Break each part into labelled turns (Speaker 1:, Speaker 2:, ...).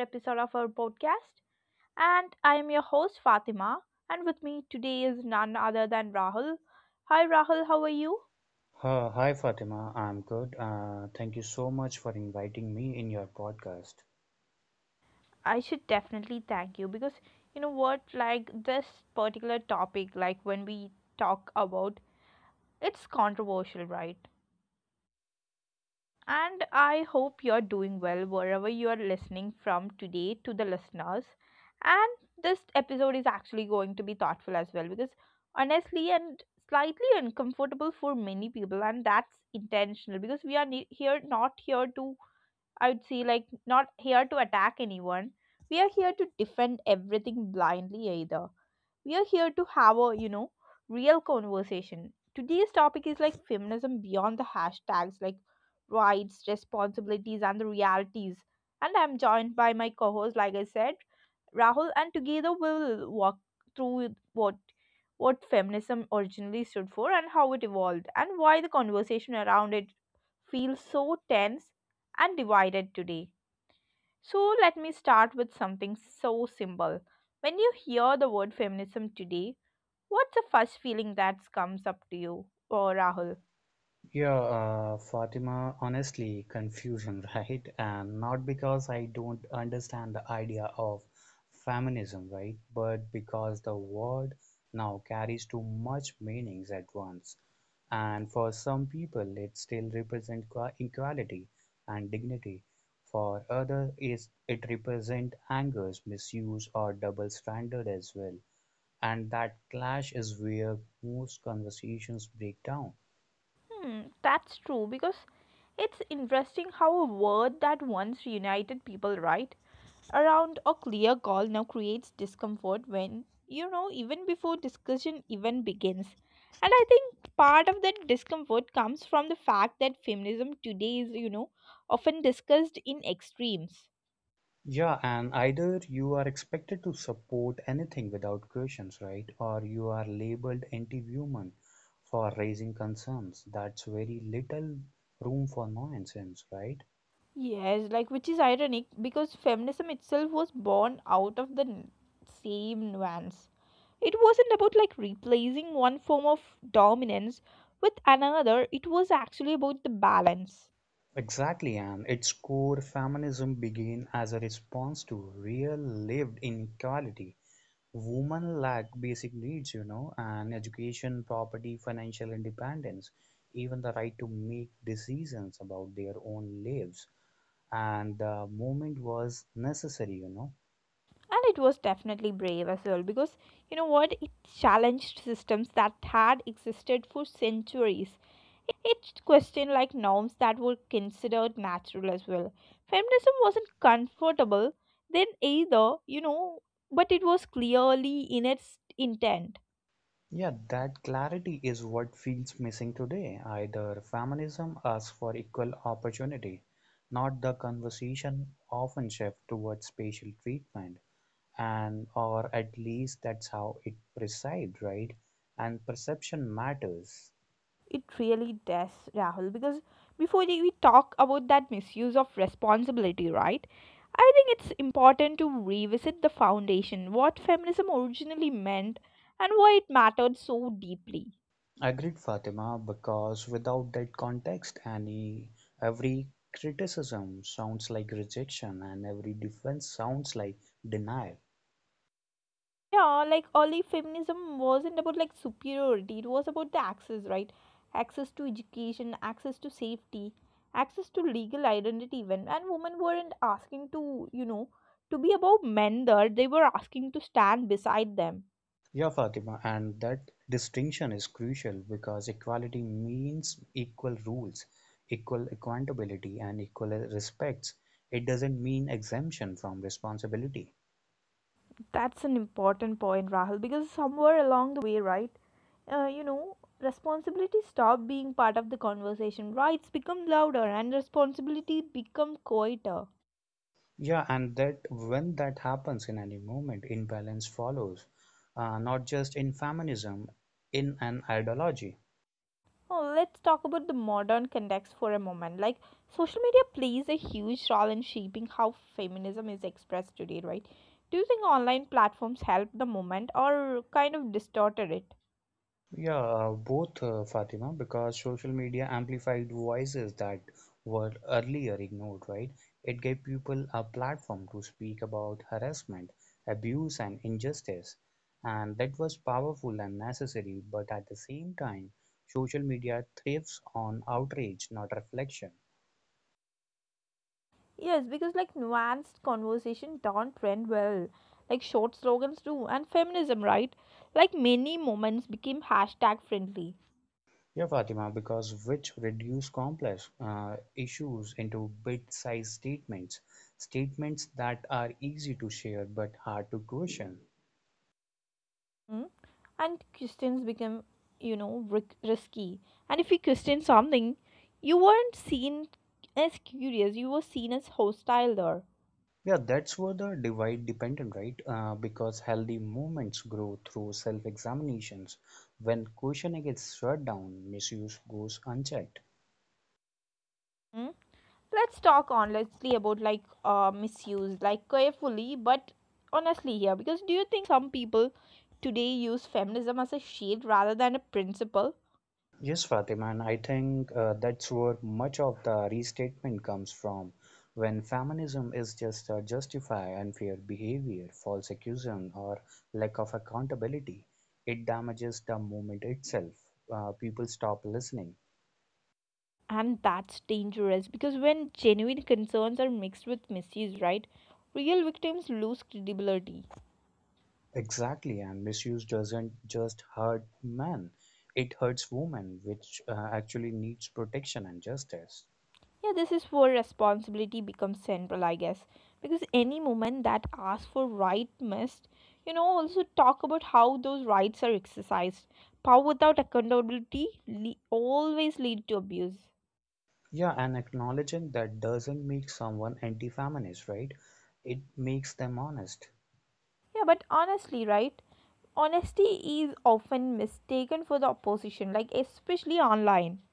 Speaker 1: episode of our podcast. And I am your host, Fatima, and with me today is none other than Rahul. Hi, Rahul, how are you?
Speaker 2: Hi Fatima, I'm good. Thank you so much for inviting me in your podcast.
Speaker 1: I should definitely thank you because you know what, like this particular topic, like when we talk about it's controversial, right? And I hope you're doing well wherever you're listening from today to the listeners. And this episode is actually going to be thoughtful as well because honestly and slightly uncomfortable for many people, and that's intentional because we are ne- here not here to, I would say, like not here to attack anyone. We are here to defend everything blindly, either we are here to have a real conversation. Today's topic is like feminism beyond the hashtags, like rights, responsibilities, and the realities. And I'm joined by my co-host, like I said, Rahul, and together we'll walk through what feminism originally stood for and how it evolved and why the conversation around it feels so tense and divided today. So let me start with something so simple. When you hear the word feminism today, what's the first feeling that comes up to you or Rahul?
Speaker 2: Yeah. Fatima, honestly, confusion, right? And not because I don't understand the idea of feminism, right? But because the word now carries too much meanings at once. And for some people, it still represents equality and dignity. For others, it represents angers, misuse, or double standard as well. And that clash is where most conversations break down.
Speaker 1: Hmm, that's true because it's interesting how a word that once united people, right, around a clear goal now creates discomfort when even before discussion even begins. And I think part of that discomfort comes from the fact that feminism today is often discussed in extremes.
Speaker 2: Yeah, and either you are expected to support anything without questions, right? Or you are labeled anti-human for raising concerns. That's very little room for nonsense, right?
Speaker 1: Yes, like, which is ironic because feminism itself was born out of the same nuance. It wasn't about like replacing one form of dominance with another; it was actually about the balance.
Speaker 2: Exactly, and its core feminism began as a response to real lived inequality. Women lack basic needs, you know, and education, property, financial independence, even the right to make decisions about their own lives. And the movement was necessary, you know.
Speaker 1: And it was definitely brave as well because you know what, it challenged systems that had existed for centuries. It questioned like norms that were considered natural as well. Feminism wasn't comfortable then either, but it was clearly in its intent.
Speaker 2: Yeah, that clarity is what feels missing today. Either feminism asks for equal opportunity, not the conversation often shift towards spatial treatment, and or at least that's how it presides, right? And perception matters.
Speaker 1: It really does, Rahul, because before we talk about that misuse of responsibility, right, I think it's important to revisit the foundation, what feminism originally meant and why it mattered so deeply.
Speaker 2: Agreed, Fatima, because without that context, any every criticism sounds like rejection and every defense sounds like denial.
Speaker 1: Yeah, like early feminism wasn't about like superiority; it was about the access, right? Access to education, access to safety, access to legal identity even. And women weren't asking to be above men there; they were asking to stand beside them.
Speaker 2: Yeah, Fatima, and that distinction is crucial because equality means equal rules, equal accountability, and equal respects. It doesn't mean exemption from responsibility.
Speaker 1: That's an important point, Rahul, because somewhere along the way, right, responsibility stopped being part of the conversation. Rights become louder and responsibility become quieter.
Speaker 2: Yeah, and that when that happens in any moment, imbalance follows, not just in feminism, in an ideology.
Speaker 1: Oh, let's talk about the modern context for a moment. Like, social media plays a huge role in shaping how feminism is expressed today, right? Do you think online platforms help the movement or kind of distorted it?
Speaker 2: Yeah. Both, Fatima, because social media amplified voices that were earlier ignored, right? It gave people a platform to speak about harassment, abuse, and injustice. And that was powerful and necessary, but at the same time, social media thrives on outrage, not reflection.
Speaker 1: Yes, because like nuanced conversation don't trend well, like short slogans do, and feminism, right? Like many moments became hashtag friendly,
Speaker 2: Yeah, Fatima, because which reduce complex issues into bit-sized statements that are easy to share but hard to question.
Speaker 1: mm? And questions become risky. And if you question something, you weren't seen as curious; you were seen as hostile there.
Speaker 2: Yeah, that's where the divide dependent, right? Because healthy movements grow through self examinations. When questioning is shut down, misuse goes unchecked.
Speaker 1: Hmm? Let's talk honestly about like misuse, like carefully but honestly here, because do you think some people today use feminism as a shield rather than a principle?
Speaker 2: Yes, Fatima, and I think that's where much of the restatement comes from. When feminism is just justify unfair behavior, false accusation, or lack of accountability, it damages the movement itself. People stop listening.
Speaker 1: And that's dangerous because when genuine concerns are mixed with misuse, right, real victims lose credibility.
Speaker 2: Exactly, and misuse doesn't just hurt men, it hurts women, which actually needs protection and justice.
Speaker 1: Yeah, this is where responsibility becomes central, I guess. Because any woman that asks for right must, also talk about how those rights are exercised. Power without accountability always lead to abuse.
Speaker 2: Yeah, and acknowledging that doesn't make someone anti feminist, right? It makes them honest.
Speaker 1: Yeah, but honestly, right? Honesty is often mistaken for the opposition, like especially online.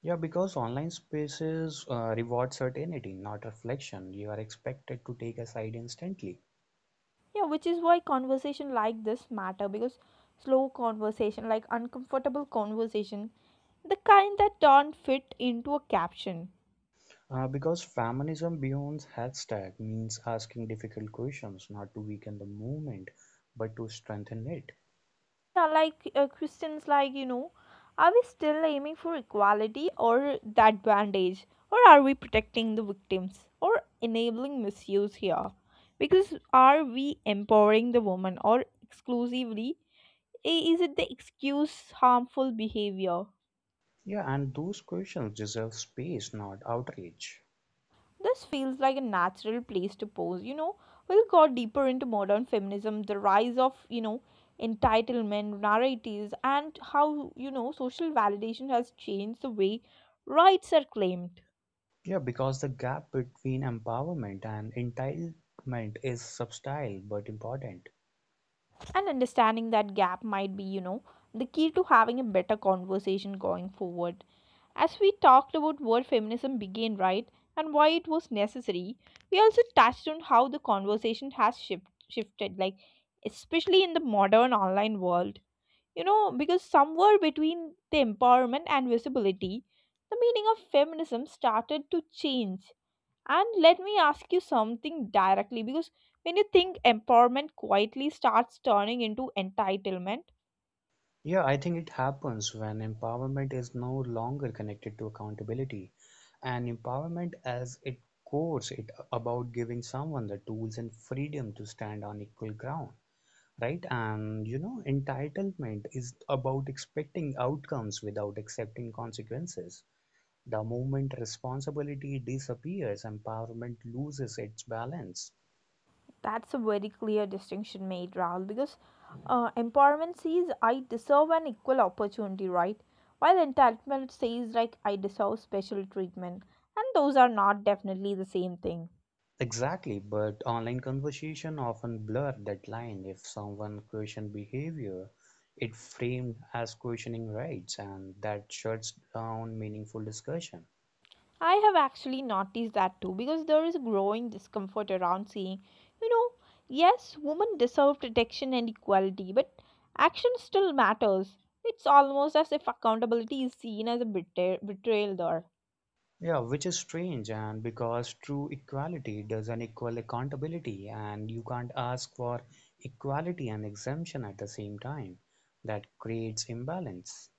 Speaker 2: Yeah, because online spaces reward certainty, not reflection. You are expected to take a side instantly.
Speaker 1: Yeah, which is why conversation like this matter, because slow conversation, like uncomfortable conversation, the kind that don't fit into a caption.
Speaker 2: Because feminism beyond hashtag means asking difficult questions, not to weaken the movement, but to strengthen it.
Speaker 1: Yeah, like questions like, are we still aiming for equality or that advantage? Or are we protecting the victims or enabling misuse here? Because are we empowering the woman or exclusively? Is it the excuse harmful behavior?
Speaker 2: Yeah, and those questions deserve space, not outrage.
Speaker 1: This feels like a natural place to pose. We'll go deeper into modern feminism, the rise of, entitlement narratives, and how, social validation has changed the way rights are claimed.
Speaker 2: Yeah, because the gap between empowerment and entitlement is subtle but important.
Speaker 1: And understanding that gap might be, the key to having a better conversation going forward. As we talked about where feminism began, right, and why it was necessary, we also touched on how the conversation has shifted, like, especially in the modern online world. Because somewhere between the empowerment and visibility, the meaning of feminism started to change. And let me ask you something directly, because when you think empowerment quietly starts turning into entitlement,
Speaker 2: Yeah, I think it happens when empowerment is no longer connected to accountability, and empowerment as it course it about giving someone the tools and freedom to stand on equal ground, right? And you know, entitlement is about expecting outcomes without accepting consequences. The moment responsibility disappears, empowerment loses its balance.
Speaker 1: that's a very clear distinction made, Rahul, because empowerment says I deserve an equal opportunity, right? While entitlement says like I deserve special treatment. And those are not definitely the same thing.
Speaker 2: Exactly, but online conversation often blur that line. If someone questions behavior, it framed as questioning rights, and that shuts down meaningful discussion.
Speaker 1: I have actually noticed that too because there is growing discomfort around saying, you know, yes, women deserve protection and equality, but action still matters. It's almost as if accountability is seen as a betrayal there.
Speaker 2: Yeah, which is strange, and because true equality doesn't equal accountability, and you can't ask for equality and exemption at the same time. That creates imbalance.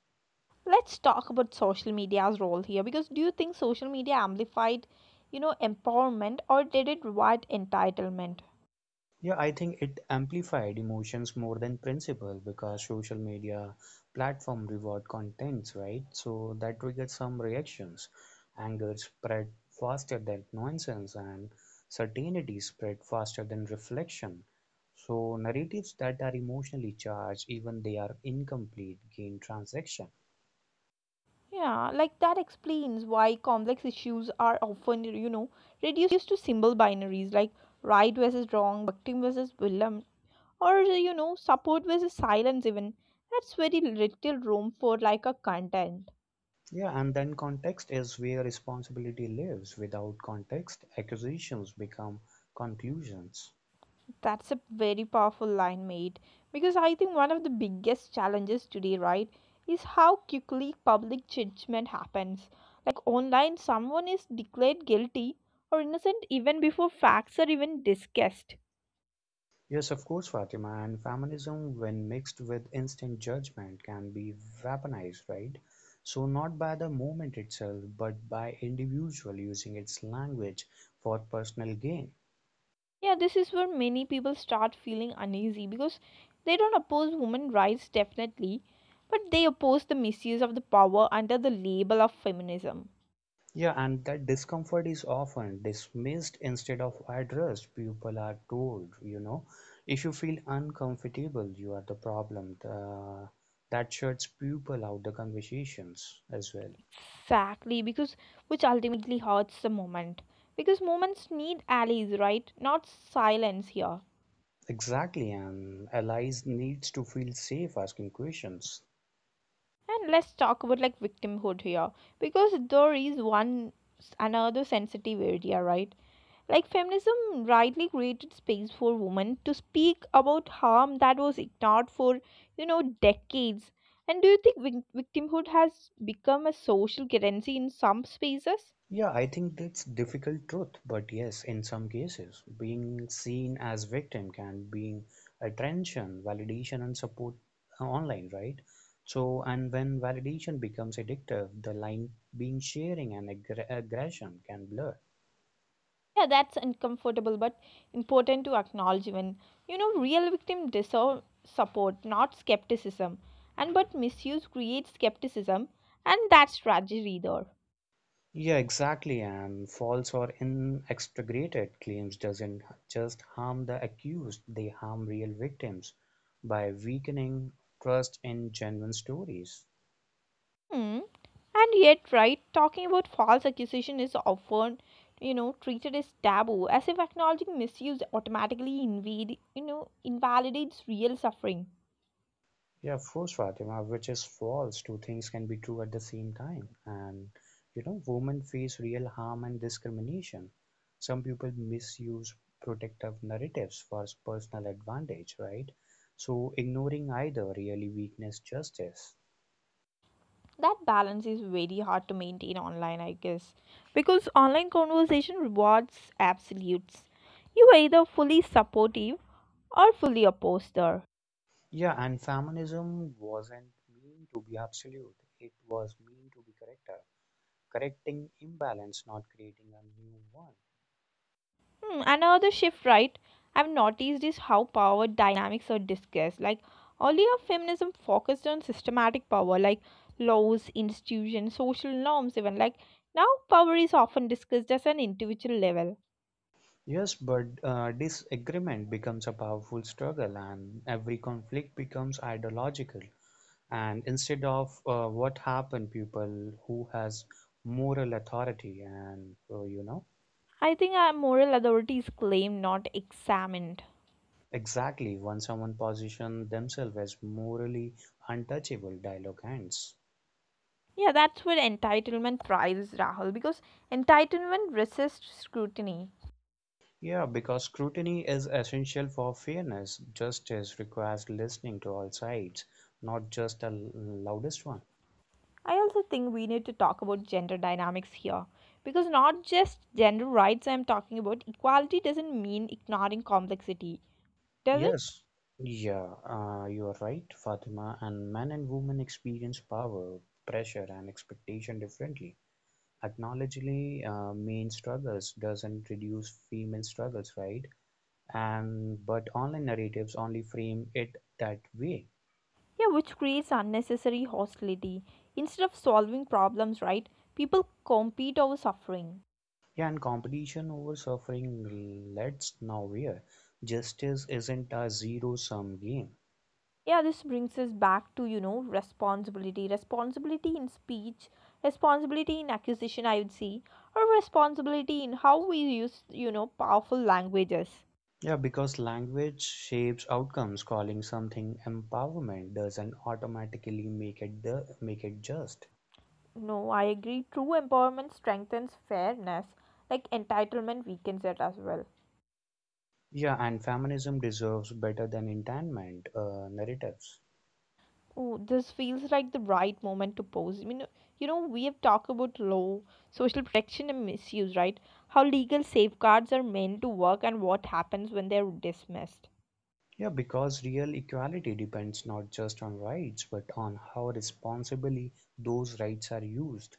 Speaker 1: Let's talk about social media's role here, because do you think social media amplified, empowerment, or did it reward entitlement?
Speaker 2: Yeah, I think it amplified emotions more than principle because social media platform reward contents, right? So that triggered some reactions. Anger spread faster than nonsense, and certainty spread faster than reflection. So narratives that are emotionally charged, even they are incomplete, gain transaction.
Speaker 1: Yeah, like that explains why complex issues are often, reduced to simple binaries like right versus wrong, victim versus villain, or support versus silence even. That's very little room for like a content.
Speaker 2: Yeah, and then context is where responsibility lives. Without context, accusations become conclusions.
Speaker 1: That's a very powerful line made, because I think one of the biggest challenges today, right, is how quickly public judgment happens. Like online, someone is declared guilty or innocent even before facts are even discussed.
Speaker 2: Yes, of course, Fatima, and feminism, when mixed with instant judgment, can be weaponized, right? So, not by the movement itself, but by individual using its language for personal gain.
Speaker 1: Yeah, this is where many people start feeling uneasy because they don't oppose women rights definitely, but they oppose the misuse of the power under the label of feminism.
Speaker 2: Yeah, and that discomfort is often dismissed instead of addressed. People are told, you know, if you feel uncomfortable, you are the problem. That shuts people out the conversations as well.
Speaker 1: Exactly, because which ultimately hurts the movement. Because movements need allies, right? Not silence here.
Speaker 2: Exactly, and allies needs to feel safe asking questions.
Speaker 1: And let's talk about like victimhood here, because there is another sensitive area, right? Like feminism rightly created space for women to speak about harm that was ignored for, decades. And do you think victimhood has become a social currency in some spaces?
Speaker 2: Yeah, I think that's difficult truth, but yes, in some cases, being seen as victim can bring attention, validation, and support online, right? So, and when validation becomes addictive, the line being sharing and aggression can blur.
Speaker 1: Yeah, that's uncomfortable but important to acknowledge even. Real victims deserve support, not skepticism. And but misuse creates skepticism, and that's tragedy there.
Speaker 2: Yeah, exactly, and false or inexpurgated claims doesn't just harm the accused, they harm real victims by weakening trust in genuine stories.
Speaker 1: Hmm. And yet, right, talking about false accusation is often, treated as taboo, as if acknowledging misuse automatically invalidates real suffering.
Speaker 2: Yeah, of course, Fatima, which is false. Two things can be true at the same time. And, you know, women face real harm and discrimination. Some people misuse protective narratives for personal advantage, right? So, ignoring either really weakens justice.
Speaker 1: That balance is very hard to maintain online, I guess, because online conversation rewards absolutes. You are either fully supportive or fully opposed there.
Speaker 2: Yeah, and feminism wasn't mean to be absolute. It was mean to be correcting imbalance, not creating a new one.
Speaker 1: Another shift, right, I've noticed is how power dynamics are discussed. Like earlier, feminism focused on systematic power, like laws, institutions, social norms, even. Like now, power is often discussed as an individual level.
Speaker 2: Yes, but disagreement becomes a powerful struggle, and every conflict becomes ideological. And instead of what happened, people who has moral authority, and you know
Speaker 1: I think our moral authority is claimed, not examined.
Speaker 2: exactly when someone positions themselves as morally untouchable, dialogue ends.
Speaker 1: Yeah, that's where entitlement thrives, Rahul, because entitlement resists scrutiny.
Speaker 2: Yeah, because scrutiny is essential for fairness. Justice requires listening to all sides, not just the loudest one.
Speaker 1: I also think we need to talk about gender dynamics here, because not just gender rights I'm talking about; equality doesn't mean ignoring complexity, does it?
Speaker 2: Yes. Yeah, you are right, Fatima. And men and women experience power, pressure, and expectation differently. Acknowledgingly, main struggles doesn't reduce female struggles, right? And but online narratives only frame it that way.
Speaker 1: Yeah, which creates unnecessary hostility. Instead of solving problems, right, people compete over suffering.
Speaker 2: Yeah, and competition over suffering leads nowhere. Justice isn't a zero sum game.
Speaker 1: Yeah, this brings us back to, responsibility. Responsibility in speech, responsibility in acquisition, I would say, or responsibility in how we use, powerful languages.
Speaker 2: Yeah, because language shapes outcomes. Calling something empowerment doesn't automatically make it the make it just.
Speaker 1: No, I agree. True empowerment strengthens fairness, like entitlement weakens it as well.
Speaker 2: Yeah, and feminism deserves better than entitlement narratives.
Speaker 1: Oh, this feels like the right moment to pose. I mean, we have talked about law, social protection, and misuse, right? How legal safeguards are meant to work and what happens when they're dismissed.
Speaker 2: Yeah, because real equality depends not just on rights, but on how responsibly those rights are used.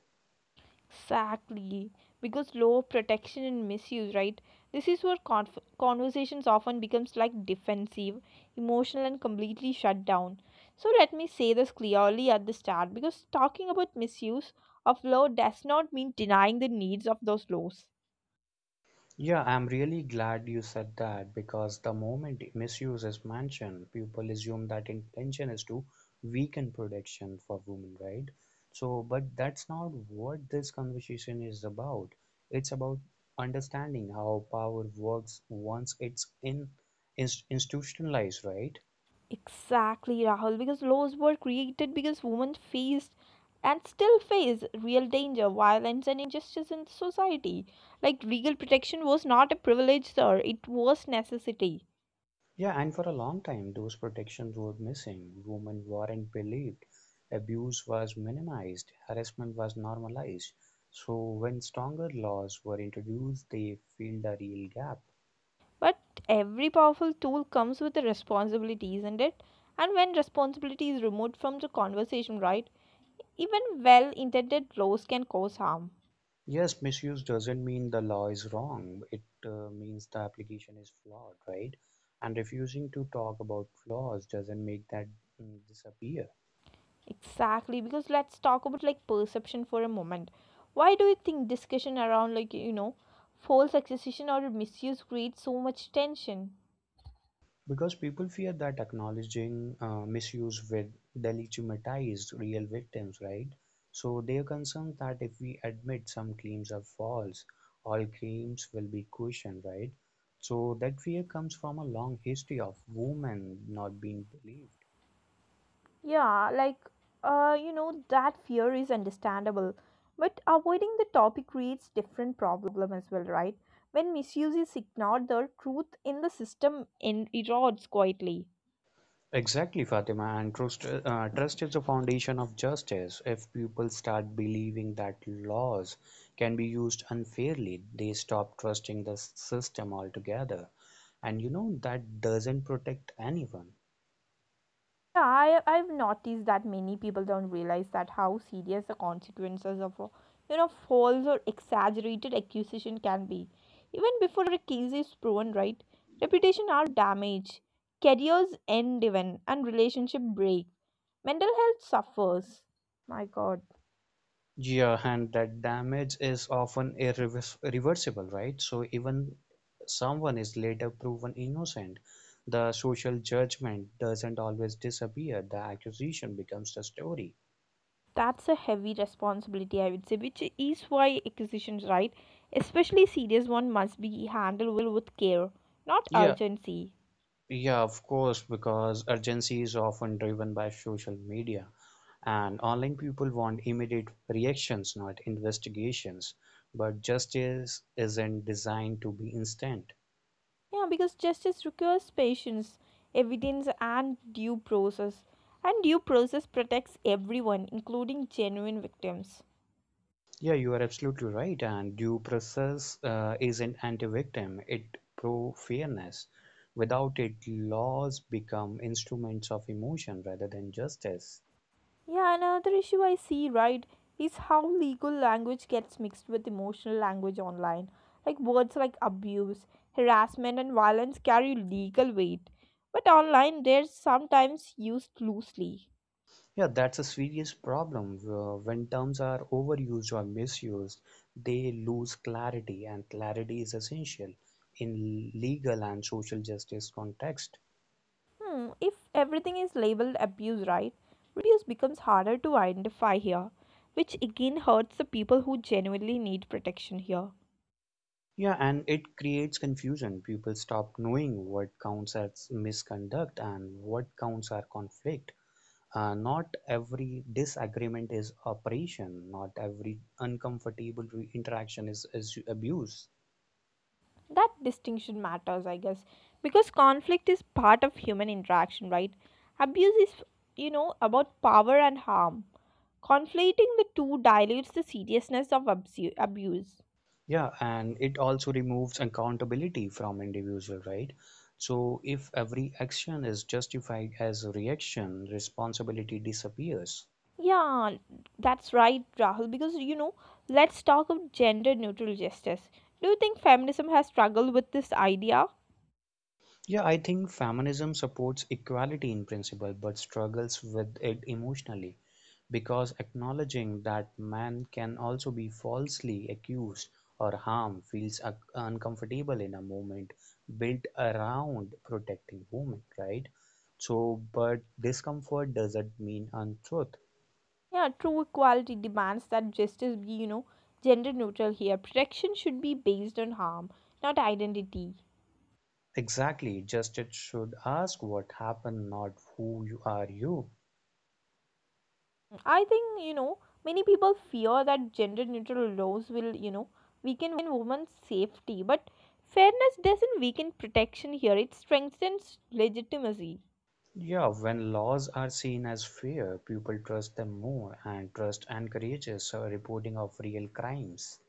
Speaker 1: Exactly, because law protection and misuse, right? This is where conversations often becomes like defensive, emotional, and completely shut down. So let me say this clearly at the start, because talking about misuse of law does not mean denying the needs of those laws.
Speaker 2: Yeah, I'm really glad you said that because the moment misuse is mentioned, people assume that intention is to weaken protection for women, right? So, but that's not what this conversation is about. It's about understanding how power works once it's in institutionalized, right?
Speaker 1: Exactly, Rahul, because laws were created because women faced and still face real danger, violence, and injustice in society. Like legal protection was not a privilege, sir; it was necessity.
Speaker 2: Yeah, and for a long time, those protections were missing. Women weren't believed. Abuse was minimized. Harassment was normalized. So, when stronger laws were introduced, they filled a real gap.
Speaker 1: But every powerful tool comes with a responsibility, isn't it? And when responsibility is removed from the conversation, right, even well intended laws can cause harm.
Speaker 2: Yes, misuse doesn't mean the law is wrong. It means the application is flawed, right? And refusing to talk about flaws doesn't make that disappear.
Speaker 1: Exactly, because let's talk about like perception for a moment. Why do you think discussion around like false accusation or misuse creates so much tension?
Speaker 2: Because people fear that acknowledging misuse will delegitimize real victims, right? So they are concerned that if we admit some claims are false, all claims will be questioned, right? So that fear comes from a long history of women not being believed.
Speaker 1: Yeah, like, that fear is understandable. But avoiding the topic creates different problem as well, right? When misuse is ignored, the truth in the system erodes quietly.
Speaker 2: Exactly, Fatima. And trust is the foundation of justice. If people start believing that laws can be used unfairly, they stop trusting the system altogether. And you know, that doesn't protect anyone.
Speaker 1: Yeah, I've noticed that many people don't realize that how serious the consequences of, false or exaggerated accusation can be. Even before a case is proven, right? Reputation are damaged, careers end even, and relationship break. Mental health suffers. My God,
Speaker 2: Yeah, and that damage is often irreversible, right? So even someone is later proven innocent, the social judgment doesn't always disappear. The accusation becomes the story.
Speaker 1: that's a heavy responsibility, I would say, which is why acquisitions, right, especially serious one, must be handled with care, not
Speaker 2: Yeah,
Speaker 1: urgency.
Speaker 2: yeah, of course, because urgency is often driven by social media, and online people want immediate reactions, not investigations. But justice isn't designed to be instant.
Speaker 1: Yeah, because justice requires patience, evidence, and due process protects everyone, including genuine victims.
Speaker 2: Yeah, you are absolutely right. And due process isn't anti-victim; it pro-fairness. Without it, laws become instruments of emotion rather than justice.
Speaker 1: Yeah, another issue I see, right, is how legal language gets mixed with emotional language online. Like words like abuse, harassment, and violence carry legal weight, but online they're sometimes used loosely.
Speaker 2: Yeah, that's a serious problem. When terms are overused or misused, they lose clarity, and clarity is essential in legal and social justice context.
Speaker 1: Hmm, if everything is labeled abuse, right, real abuse becomes harder to identify here, which again hurts the people who genuinely need protection here.
Speaker 2: Yeah, and it creates confusion. People stop knowing what counts as misconduct and what counts as conflict. Not every disagreement is operation. Not every uncomfortable interaction is abuse.
Speaker 1: That distinction matters, I guess, because conflict is part of human interaction, right? Abuse is, about power and harm. Conflating the two dilutes the seriousness of abuse.
Speaker 2: Yeah, and it also removes accountability from individual, right? So if every action is justified as a reaction, responsibility disappears.
Speaker 1: Yeah, that's right, Rahul, because, let's talk of gender neutral justice. Do you think feminism has struggled with this idea?
Speaker 2: Yeah, I think feminism supports equality in principle but struggles with it emotionally. Because acknowledging that man can also be falsely accused or harmed feels uncomfortable in a movement built around protecting women, right? So, but discomfort doesn't mean untruth.
Speaker 1: Yeah, true equality demands that justice be, gender neutral here. Protection should be based on harm, not identity.
Speaker 2: Exactly, just it should ask what happened, not who you are you.
Speaker 1: I think, many people fear that gender neutral laws will, weaken women's safety. But fairness doesn't weaken protection here, it strengthens legitimacy.
Speaker 2: Yeah, when laws are seen as fair, people trust them more, and trust encourages reporting of real crimes.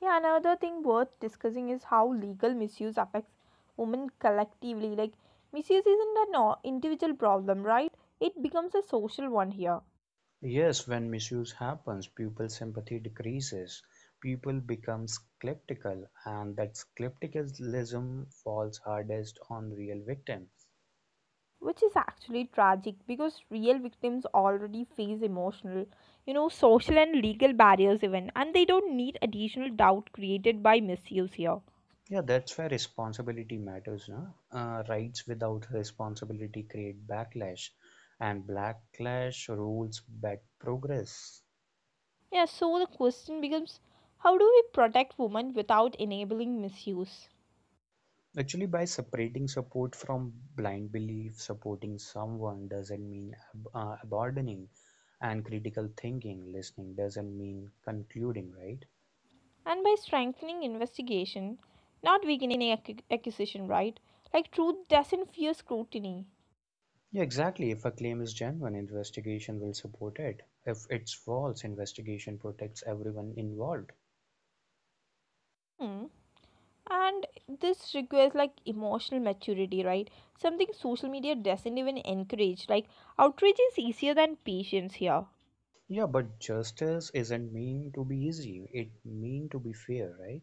Speaker 1: Yeah, another thing worth discussing is how legal misuse affects women collectively. Like, misuse isn't an individual problem, right? It becomes a social one here,
Speaker 2: Yes, when misuse happens, pupil sympathy decreases, people become skeptical, and that skepticism falls hardest on real victims.
Speaker 1: which is actually tragic because real victims already face emotional, social, and legal barriers even, and they don't need additional doubt created by misuse here.
Speaker 2: Yeah, that's where responsibility matters, no? Rights without responsibility create backlash, and backlash rules back progress.
Speaker 1: Yeah, so the question becomes, how do we protect women without enabling misuse?
Speaker 2: Actually, by separating support from blind belief, supporting someone doesn't mean abandoning and critical thinking, listening doesn't mean concluding, right?
Speaker 1: And by strengthening investigation, not weakening accusation, right? Like, truth doesn't fear scrutiny.
Speaker 2: Yeah, exactly. If a claim is genuine, investigation will support it. If it's false, investigation protects everyone involved.
Speaker 1: Hmm. And this requires like emotional maturity, right? Something social media doesn't even encourage. Like, outrage is easier than patience here.
Speaker 2: Yeah, but justice isn't mean to be easy. It mean to be fair, right?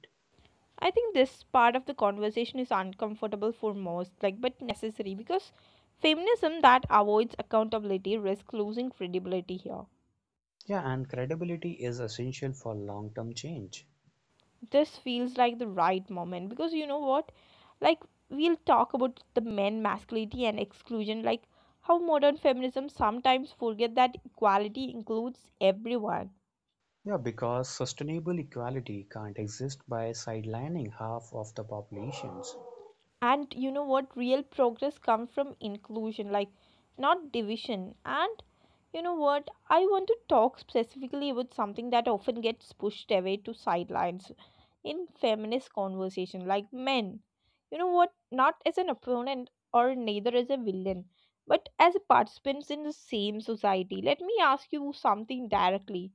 Speaker 1: I think this part of the conversation is uncomfortable for most, like, but necessary because feminism that avoids accountability risks losing credibility here.
Speaker 2: Yeah, and credibility is essential for long-term change.
Speaker 1: This feels like the right moment because, you know what, like, we'll talk about the men, masculinity, and exclusion. Like, how modern feminism sometimes forget that equality includes everyone.
Speaker 2: Yeah, because sustainable equality can't exist by sidelining half of the populations.
Speaker 1: And, you know what, real progress comes from inclusion, like, not division. And, you know what, I want to talk specifically about something that often gets pushed away to sidelines in feminist conversation, like men, you know what, not as an opponent or neither as a villain, but as participants in the same society. Let me ask you something directly: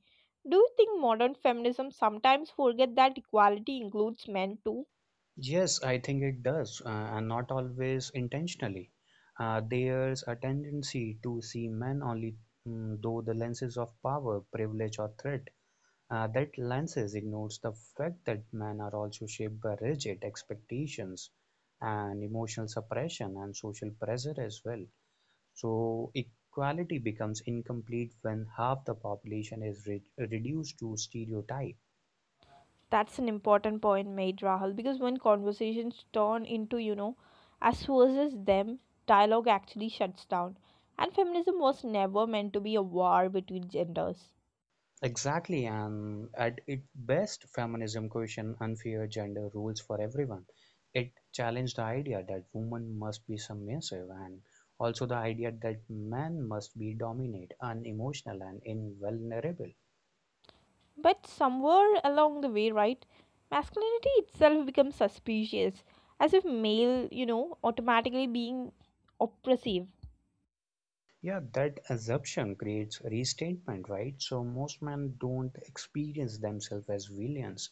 Speaker 1: do you think modern feminism sometimes forget that equality includes men too?
Speaker 2: Yes, I think it does, and not always intentionally. There's a tendency to see men only through the lenses of power, privilege, or threat. That lenses ignores the fact that men are also shaped by rigid expectations and emotional suppression and social pressure as well. So equality becomes incomplete when half the population is reduced to stereotypes.
Speaker 1: That's an important point made, Rahul, because when conversations turn into, you know, us versus them, dialogue actually shuts down. And feminism was never meant to be a war between genders.
Speaker 2: Exactly, and at its best, feminism questioned unfair gender rules for everyone. It challenged the idea that women must be submissive and also the idea that men must be dominant, unemotional, and invulnerable.
Speaker 1: But somewhere along the way, right, masculinity itself becomes suspicious, as if male, you know, automatically being oppressive.
Speaker 2: Yeah, that assumption creates restatement, right? So most men don't experience themselves as villains.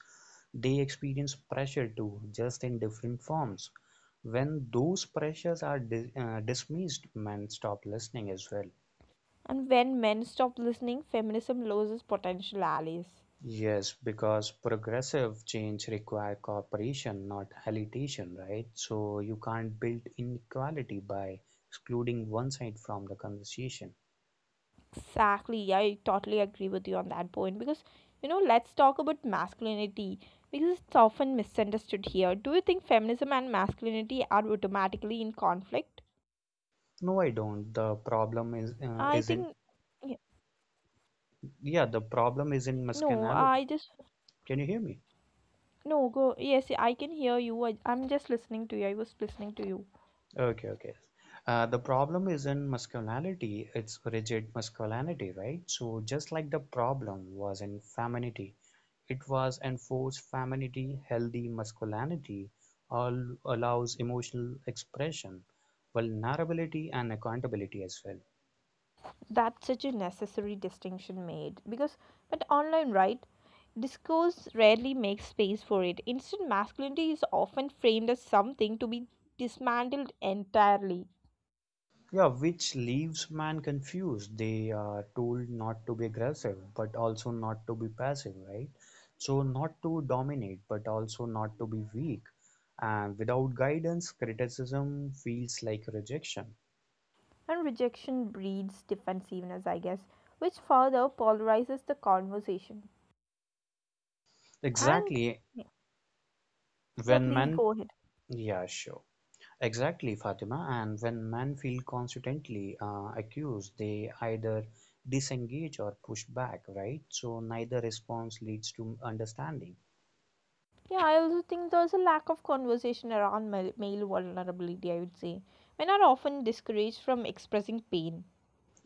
Speaker 2: They experience pressure too, just in different forms. When those pressures are dismissed, men stop listening as well.
Speaker 1: And when men stop listening, feminism loses potential allies.
Speaker 2: Yes, because progressive change require cooperation, not hallitation, right? So you can't build inequality by excluding one side from the conversation.
Speaker 1: Exactly. Yeah, I totally agree with you on that point because, you know, let's talk about masculinity because it's often misunderstood here. Do you think feminism and masculinity are automatically in conflict?
Speaker 2: No, I don't. The problem is
Speaker 1: I think
Speaker 2: isn't,
Speaker 1: y-
Speaker 2: yeah, the problem is in
Speaker 1: no,
Speaker 2: masculinity.
Speaker 1: I just
Speaker 2: Can you hear me?
Speaker 1: no go. Yes, I can hear you. I'm just listening to you. I was listening to you.
Speaker 2: Okay, okay. The problem is in masculinity. It's rigid masculinity, right? So just like the problem was in femininity, it was enforced femininity, healthy masculinity, all allows emotional expression, vulnerability, and accountability as well.
Speaker 1: That's such a necessary distinction made, because but online, right, discourse rarely makes space for it. Instant masculinity is often framed as something to be dismantled entirely,
Speaker 2: Yeah, which leaves man confused. They are told not to be aggressive, but also not to be passive, right? So, not to dominate, but also not to be weak. And without guidance, criticism feels like rejection.
Speaker 1: and rejection breeds defensiveness, I guess, which further polarizes the conversation. And
Speaker 2: Exactly.
Speaker 1: yeah,
Speaker 2: When
Speaker 1: please
Speaker 2: men,
Speaker 1: go ahead.
Speaker 2: yeah, sure. Exactly, Fatima. And when men feel constantly accused, they either disengage or push back, right? So, neither response leads to understanding.
Speaker 1: Yeah, I also think there's a lack of conversation around male vulnerability. I would say men are often discouraged from expressing pain.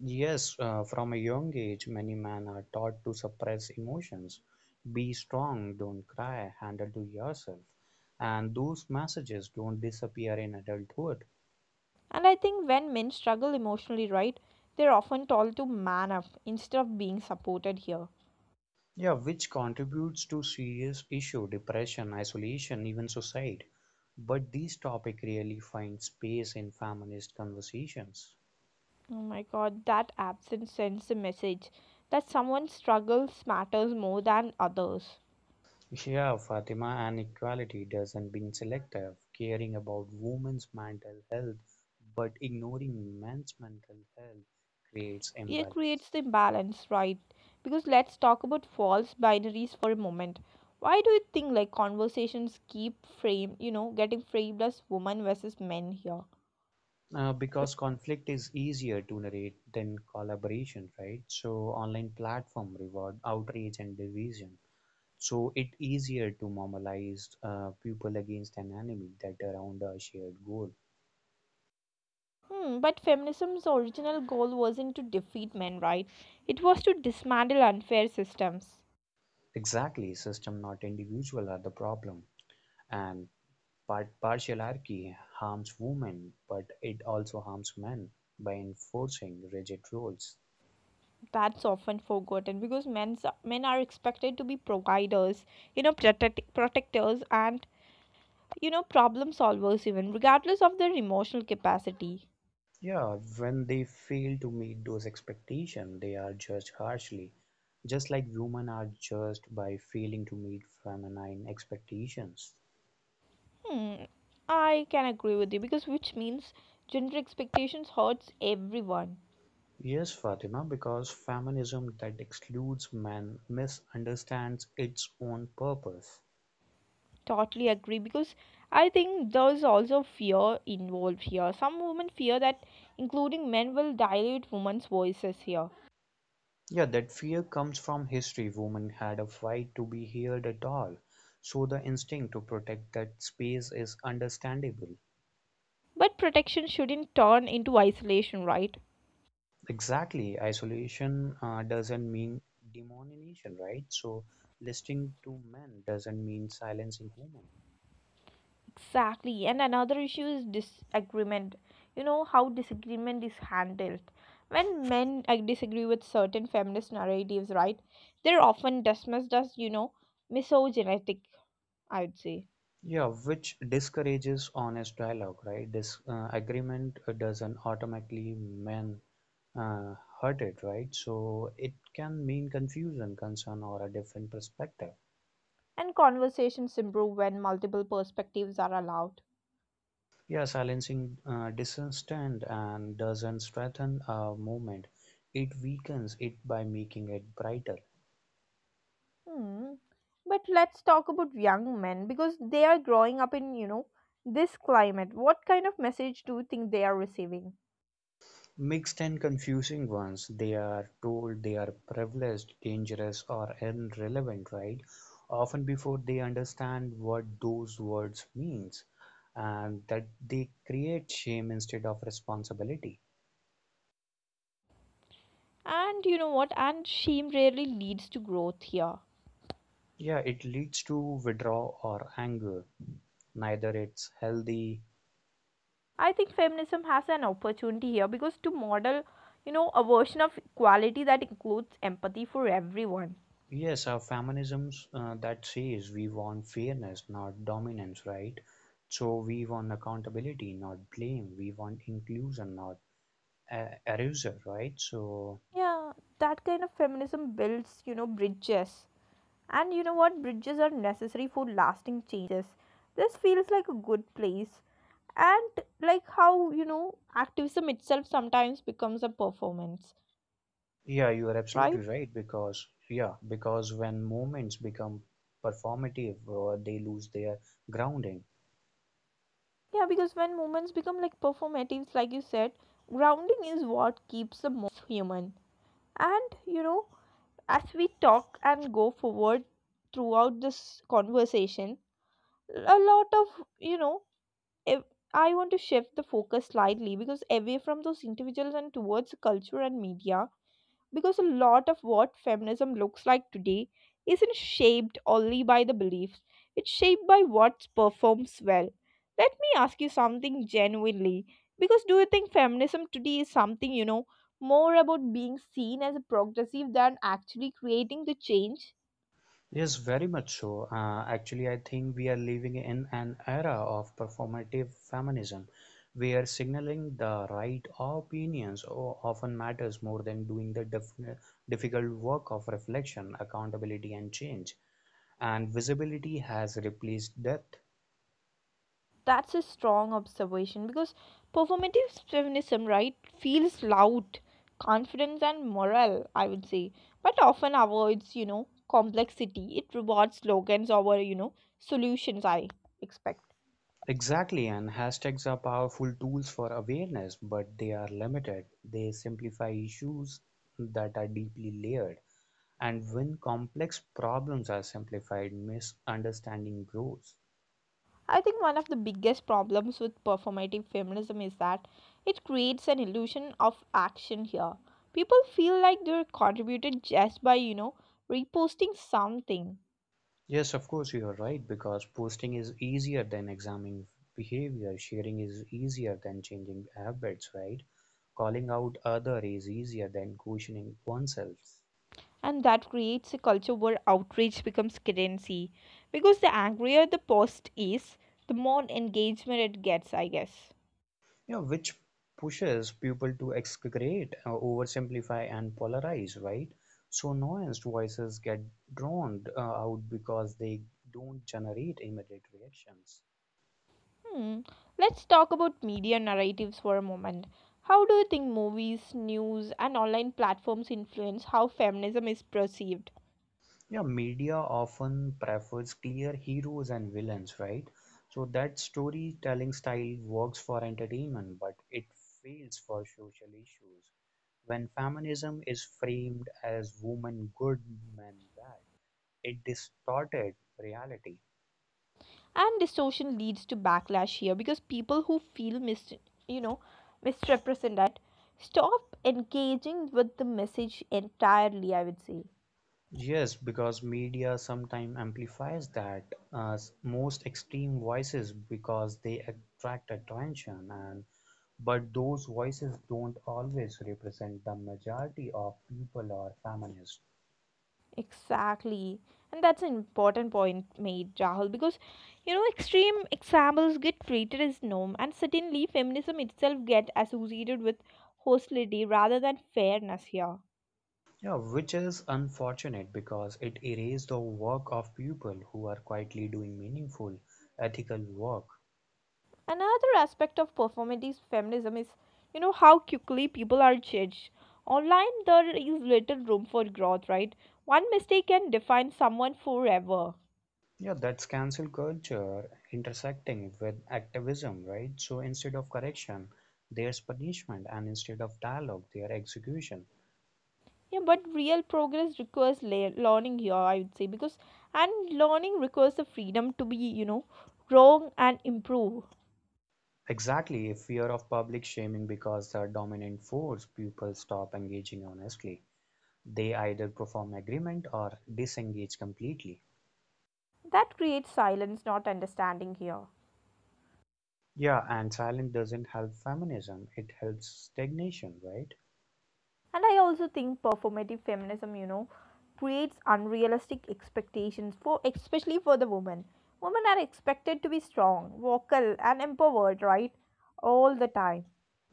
Speaker 2: Yes, from a young age, many men are taught to suppress emotions. Be strong, don't cry, handle to yourself. And those messages don't disappear in adulthood.
Speaker 1: And I think when men struggle emotionally, right, they're often told to man up instead of being supported here.
Speaker 2: Yeah, which contributes to serious issue, depression, isolation, even suicide. But this topic really finds space in feminist conversations.
Speaker 1: Oh my god, that absence sends the message that someone's struggles matters more than others.
Speaker 2: Yeah, Fatima, and equality doesn't mean selective, caring about women's mental health but ignoring men's mental health creates
Speaker 1: It
Speaker 2: imbalance.
Speaker 1: creates the imbalance, right? Because let's talk about false binaries for a moment. Why do you think like conversations keep getting framed as women versus men here?
Speaker 2: Because conflict is easier to narrate than collaboration, right? So online platform reward outrage and division. So it easier to normalize people against an enemy that around a shared goal.
Speaker 1: Hmm, but feminism's original goal wasn't to defeat men, right? It was to dismantle unfair systems.
Speaker 2: Exactly, system not individual are the problem and Part Patriarchy harms women, but it also harms men by enforcing rigid rules.
Speaker 1: That's often forgotten because men are expected to be providers, protectors, and, problem solvers, even regardless of their emotional capacity.
Speaker 2: Yeah, when they fail to meet those expectations, they are judged harshly, just like women are judged by failing to meet feminine expectations.
Speaker 1: Hmm, I can agree with you because which means gender expectations hurts everyone.
Speaker 2: Yes, Fatima, because feminism that excludes men misunderstands its own purpose.
Speaker 1: Totally agree because I think there's also fear involved here. Some women fear that including men will dilute women's voices here.
Speaker 2: Yeah, that fear comes from history. Women had a fight to be heard at all. So the instinct to protect that space is understandable.
Speaker 1: But protection shouldn't turn into isolation, right?
Speaker 2: Exactly. Isolation doesn't mean demonization, right? So listening to men doesn't mean silencing women.
Speaker 1: Exactly. And another issue is disagreement. You know how disagreement is handled. When men disagree with certain feminist narratives, right? They're often dismissed as, misogynistic, I would say.
Speaker 2: Yeah, which discourages honest dialogue, right? This agreement doesn't automatically mean uh, hurt it, right? So it can mean confusion, concern, or a different perspective.
Speaker 1: And conversations improve when multiple perspectives are allowed.
Speaker 2: Yeah, silencing dissent and doesn't strengthen a movement. It weakens it by making it brighter.
Speaker 1: Hmm. But let's talk about young men because they are growing up in, you know, this climate. What kind of message do you think they are receiving?
Speaker 2: Mixed and confusing ones, they are told they are privileged, dangerous, or irrelevant, right? Often before they understand what those words means, and that they create shame instead of responsibility.
Speaker 1: And you know what? And shame rarely leads to growth here.
Speaker 2: Yeah, it leads to withdrawal or anger. Neither it's healthy.
Speaker 1: I think feminism has an opportunity here because to model, a version of equality that includes empathy for everyone.
Speaker 2: Yes, our feminism's that says we want fairness, not dominance, right? So we want accountability, not blame. We want inclusion, not erasure, right? So
Speaker 1: Yeah, that kind of feminism builds, bridges. And you know what? Bridges are necessary for lasting changes. This feels like a good place. And, like, how, activism itself sometimes becomes a performance,
Speaker 2: yeah, you are absolutely
Speaker 1: right?
Speaker 2: right because yeah, because when movements become performative, they lose their grounding.
Speaker 1: Yeah, because when moments become like performatives, like you said, grounding is what keeps the moments human. And, as we talk and go forward throughout this conversation, a lot of, you know if I want to shift the focus slightly, because away from those individuals and towards culture and media, because a lot of what feminism looks like today isn't shaped only by the beliefs, it's shaped by what performs well. Let me ask you something genuinely: because do you think feminism today is something, more about being seen as a progressive than actually creating the change?
Speaker 2: Yes, very much so. Actually, I think we are living in an era of performative feminism where signaling the right opinions often matters more than doing the difficult work of reflection, accountability, and change. And visibility has replaced depth.
Speaker 1: That's a strong observation because performative feminism, right, feels loud, confidence, and moral, I would say, but often avoids, complexity. It rewards slogans over, solutions, I expect.
Speaker 2: Exactly, and hashtags are powerful tools for awareness, but they are limited. They simplify issues that are deeply layered. And when complex problems are simplified, misunderstanding grows.
Speaker 1: I think one of the biggest problems with performative feminism is that it creates an illusion of action here. People feel like they're contributed just by, reposting something.
Speaker 2: Yes, of course, you are right because posting is easier than examining behavior, sharing is easier than changing habits, right? Calling out other is easier than questioning oneself.
Speaker 1: And that creates a culture where outrage becomes currency, because the angrier the post is, the more engagement it gets, I guess.
Speaker 2: You know, which pushes people to excrete, oversimplify, and polarize, right? So nuanced voices get drowned out because they don't generate immediate reactions.
Speaker 1: Hmm. Let's talk about media narratives for a moment. How do you think movies, news, and online platforms influence how feminism is perceived?
Speaker 2: Yeah, media often prefers clear heroes and villains, right? So that storytelling style works for entertainment, but it fails for social issues. When feminism is framed as women good, men bad, it distorted reality.
Speaker 1: And distortion leads to backlash here because people who feel you know misrepresented stop engaging with the message entirely, I would say.
Speaker 2: Yes, because media sometimes amplifies that as most extreme voices because they attract attention and but those voices don't always represent the majority of people or feminists.
Speaker 1: Exactly. And that's an important point made, Rahul, because, extreme examples get treated as norm, and suddenly feminism itself get associated with hostility rather than fairness here.
Speaker 2: Yeah, which is unfortunate because it erases the work of people who are quietly doing meaningful, ethical work.
Speaker 1: Another aspect of performative feminism is, how quickly people are judged. Online there is little room for growth, right? One mistake can define someone forever.
Speaker 2: Yeah, that's cancel culture intersecting with activism, right? So instead of correction, there's punishment, and instead of dialogue, there's execution.
Speaker 1: Yeah, but real progress requires learning here, I would say, because and learning requires the freedom to be, wrong and improve.
Speaker 2: Exactly, a fear of public shaming because the dominant force, people stop engaging honestly. They either perform agreement or disengage completely.
Speaker 1: That creates silence, not understanding here.
Speaker 2: Yeah, and silence doesn't help feminism, it helps stagnation, right?
Speaker 1: And I also think performative feminism, creates unrealistic expectations for, especially for the women. Women are expected to be strong, vocal, and empowered, right, all the time.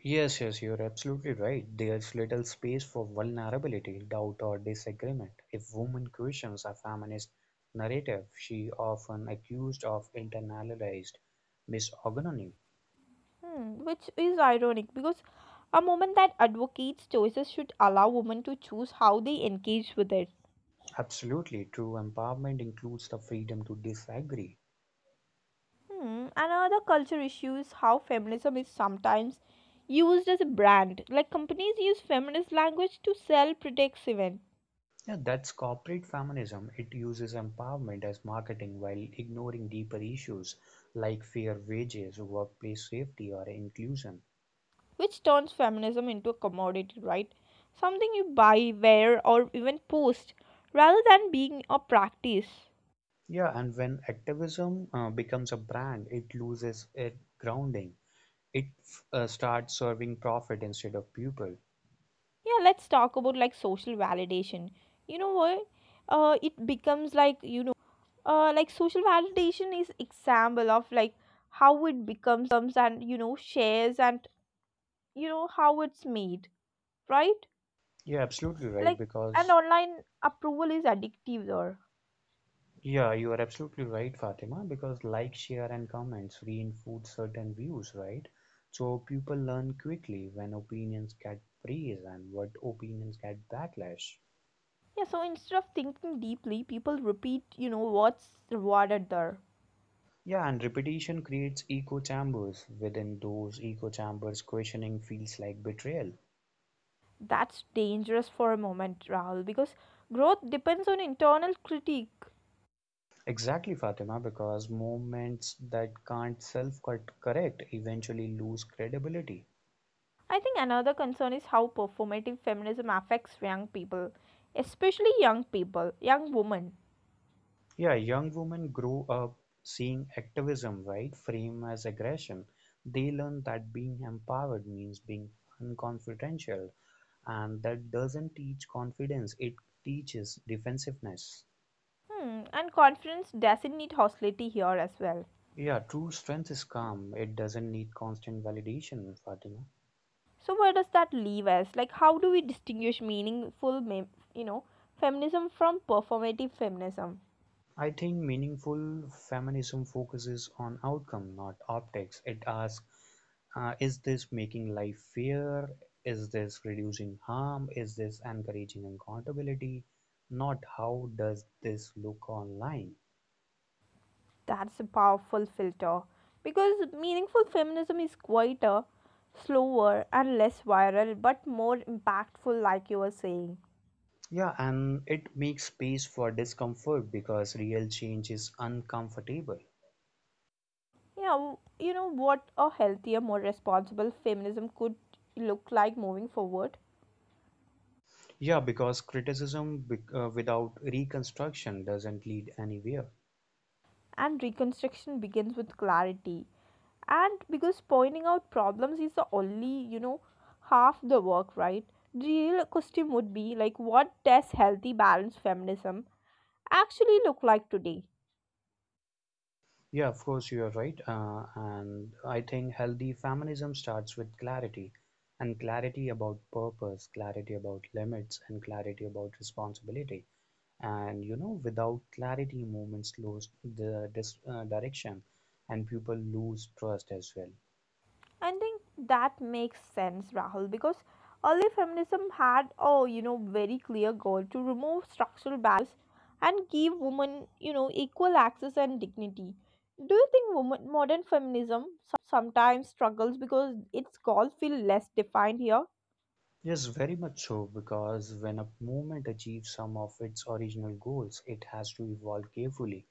Speaker 2: Yes, yes, you're absolutely right. There's little space for vulnerability, doubt, or disagreement. If woman questions a feminist narrative, she often accused of internalized misogyny.
Speaker 1: Hmm, which is ironic because a movement that advocates choices should allow women to choose how they engage with it.
Speaker 2: Absolutely, true empowerment includes the freedom to disagree.
Speaker 1: Hmm, another culture issue is how feminism is sometimes used as a brand. Like companies use feminist language to sell products even,
Speaker 2: Yeah, that's corporate feminism; it uses empowerment as marketing while ignoring deeper issues like fair wages, workplace safety, or inclusion.
Speaker 1: which turns feminism into a commodity, right? Something you buy, wear, or even post, rather than being a practice.
Speaker 2: Yeah, and when activism becomes a brand, it loses its grounding. It starts serving profit instead of people.
Speaker 1: Yeah, let's talk about like social validation. You know what? It becomes like, you know, like social validation is example of like how it becomes and, you know, shares and, you know, how it's made right
Speaker 2: Yeah, absolutely right,
Speaker 1: like. And
Speaker 2: because
Speaker 1: online approval is addictive there.
Speaker 2: yeah, you are absolutely right, Fatima, because like, share, and comments reinforce certain views, right? So people learn quickly when opinions get praise and what opinions get backlash.
Speaker 1: Yeah, so instead of thinking deeply, people repeat, what's rewarded there.
Speaker 2: Yeah, and repetition creates echo chambers. Within those echo chambers, questioning feels like betrayal.
Speaker 1: That's dangerous for a moment, Rahul, because growth depends on internal critique,
Speaker 2: Exactly, Fatima, because movements that can't self correct eventually lose credibility.
Speaker 1: I think. Another concern is how performative feminism affects young people, especially young women.
Speaker 2: Yeah, young women grow up seeing activism, right, frame as aggression. They learn that being empowered means being unconfidential, and that doesn't teach confidence, it teaches defensiveness.
Speaker 1: Hmm, and confidence doesn't need hostility here as well.
Speaker 2: Yeah, true strength is calm. It doesn't need constant validation, Fatima.
Speaker 1: So where does that leave us? Like, how do we distinguish meaningful, you know, feminism from performative feminism?
Speaker 2: I think meaningful feminism focuses on outcome, not optics. It asks, is this making life fair? Is this reducing harm? Is this encouraging accountability? Not how does this look online?
Speaker 1: That's a powerful filter because meaningful feminism is quieter, slower, and less viral, but more impactful, like you were saying.
Speaker 2: Yeah, and it makes space for discomfort because real change is uncomfortable.
Speaker 1: Yeah, you know what a healthier, more responsible feminism could look like moving forward.
Speaker 2: Yeah, because criticism without reconstruction doesn't lead anywhere.
Speaker 1: And reconstruction begins with clarity. And because pointing out problems is the only, half the work, right? The real question would be like, what does healthy balanced feminism actually look like today?
Speaker 2: Yeah, of course, you are right. And I think healthy feminism starts with clarity and clarity about purpose, clarity about limits, and clarity about responsibility. And you know, without clarity, movements lose the direction and people lose trust as well.
Speaker 1: I think that makes sense, Rahul, because early feminism had a, very clear goal, to remove structural barriers and give women, equal access and dignity. Do you think women, modern feminism sometimes struggles because its goals feel less defined here?
Speaker 2: Yes, very much so, because when a movement achieves some of its original goals, it has to evolve carefully.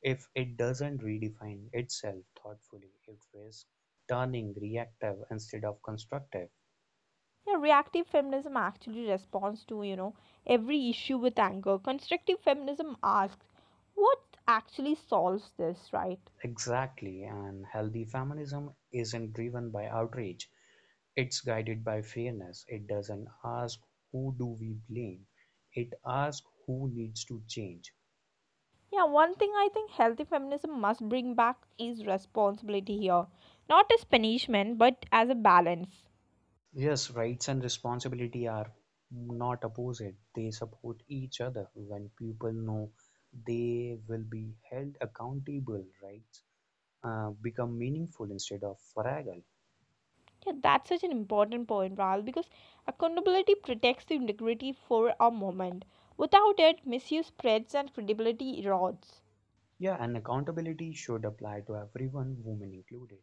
Speaker 2: If it doesn't redefine itself thoughtfully, it risks turning reactive instead of constructive.
Speaker 1: Yeah, reactive feminism actually responds to every issue with anger. Constructive feminism asks, what actually solves this, right?
Speaker 2: Exactly, and healthy feminism isn't driven by outrage, it's guided by fairness. It doesn't ask who do we blame, it asks who needs to change.
Speaker 1: Yeah, one thing I think healthy feminism must bring back is responsibility here. Not as punishment, but as a balance.
Speaker 2: Yes, rights and responsibility are not opposite. They support each other. When people know they will be held accountable, rights become meaningful instead of fragile.
Speaker 1: Yeah, that's such an important point, Rahul, because accountability protects the integrity for a moment. Without it, misuse spreads and credibility erodes.
Speaker 2: Yeah, and accountability should apply to everyone, women included.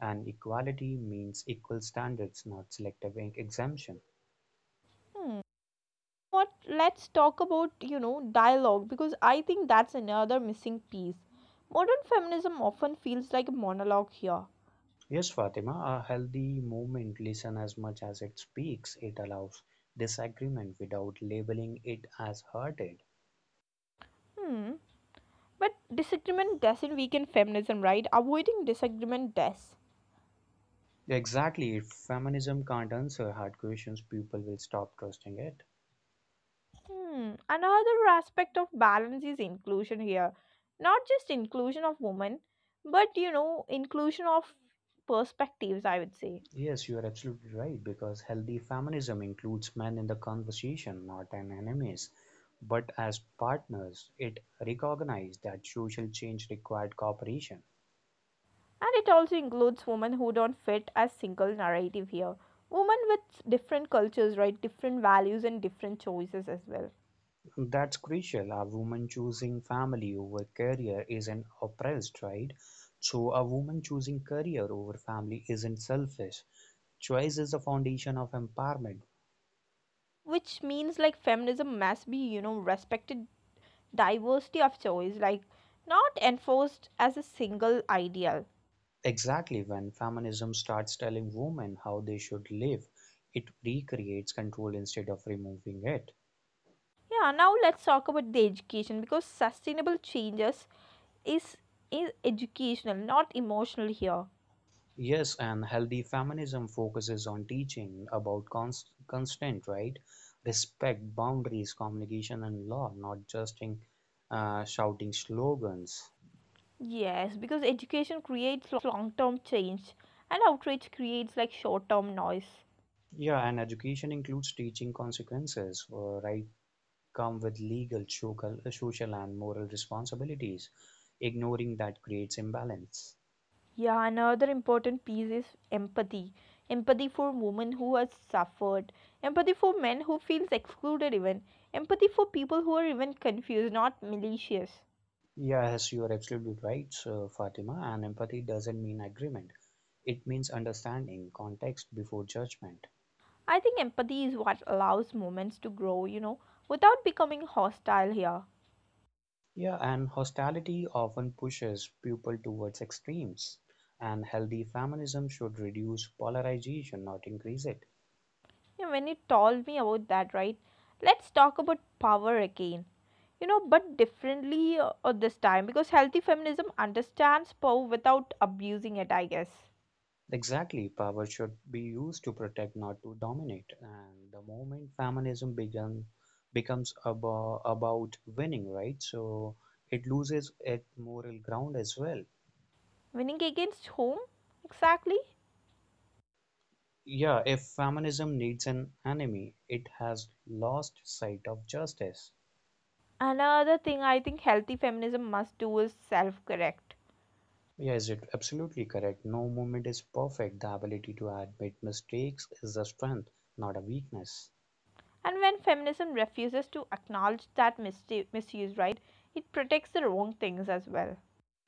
Speaker 2: And equality means equal standards, not selective exemption.
Speaker 1: Hmm. What? Let's talk about, you know, dialogue, because I think that's another missing piece. Modern feminism often feels like a monologue here.
Speaker 2: Yes, Fatima, a healthy movement listens as much as it speaks. It allows disagreement without labeling it as hurted.
Speaker 1: Hmm. But disagreement doesn't weaken feminism, right? Avoiding disagreement does.
Speaker 2: Exactly. If feminism can't answer hard questions, people will stop trusting it.
Speaker 1: Hmm. Another aspect of balance is inclusion here. Not just inclusion of women, but inclusion of perspectives, I would say.
Speaker 2: Yes, you are absolutely right, because healthy feminism includes men in the conversation, not as enemies, but as partners. It recognized that social change required cooperation.
Speaker 1: And it also includes women who don't fit a single narrative here. Women with different cultures, right? Different values and different choices as well.
Speaker 2: That's crucial. A woman choosing family over career is an oppressed, right? So, a woman choosing career over family isn't selfish. Choice is the foundation of empowerment.
Speaker 1: Which means like feminism must be, you know, respected diversity of choice, like not enforced as a single ideal.
Speaker 2: Exactly, when feminism starts telling women how they should live, it recreates control instead of removing it.
Speaker 1: Yeah, now let's talk about the education because sustainable changes is is educational, not emotional here.
Speaker 2: Yes, and healthy feminism focuses on teaching about constant right, respect, boundaries, communication, and law, not just in, shouting slogans.
Speaker 1: Yes, because education creates long-term change and outrage creates like short-term noise.
Speaker 2: Yeah, and education includes teaching consequences, right? Come with legal, social, social, and moral responsibilities. Ignoring that creates imbalance.
Speaker 1: Yeah, another important piece is empathy. Empathy for women who has suffered, empathy for men who feels excluded even, empathy for people who are even confused, not malicious.
Speaker 2: Yes, you are absolutely right, Fatima. And empathy doesn't mean agreement, it means understanding context before judgment.
Speaker 1: I think empathy is what allows movements to grow, you know, without becoming hostile here.
Speaker 2: Yeah, and hostility often pushes people towards extremes, and healthy feminism should reduce polarization, not increase it.
Speaker 1: You know, when you told me about that, right? Let's talk about power again. You know, but differently this time because healthy feminism understands power without abusing it, I guess.
Speaker 2: Exactly, power should be used to protect, not to dominate. And the moment feminism began, becomes about winning, right? So it loses its moral ground as well.
Speaker 1: Winning against whom? Exactly.
Speaker 2: Yeah, if feminism needs an enemy, it has lost sight of justice.
Speaker 1: Another thing I think healthy feminism must do is self correct.
Speaker 2: Yes, it absolutely correct. No movement is perfect. The ability to admit mistakes is a strength, not a weakness.
Speaker 1: And when feminism refuses to acknowledge that misuse, right, it protects the wrong things as well.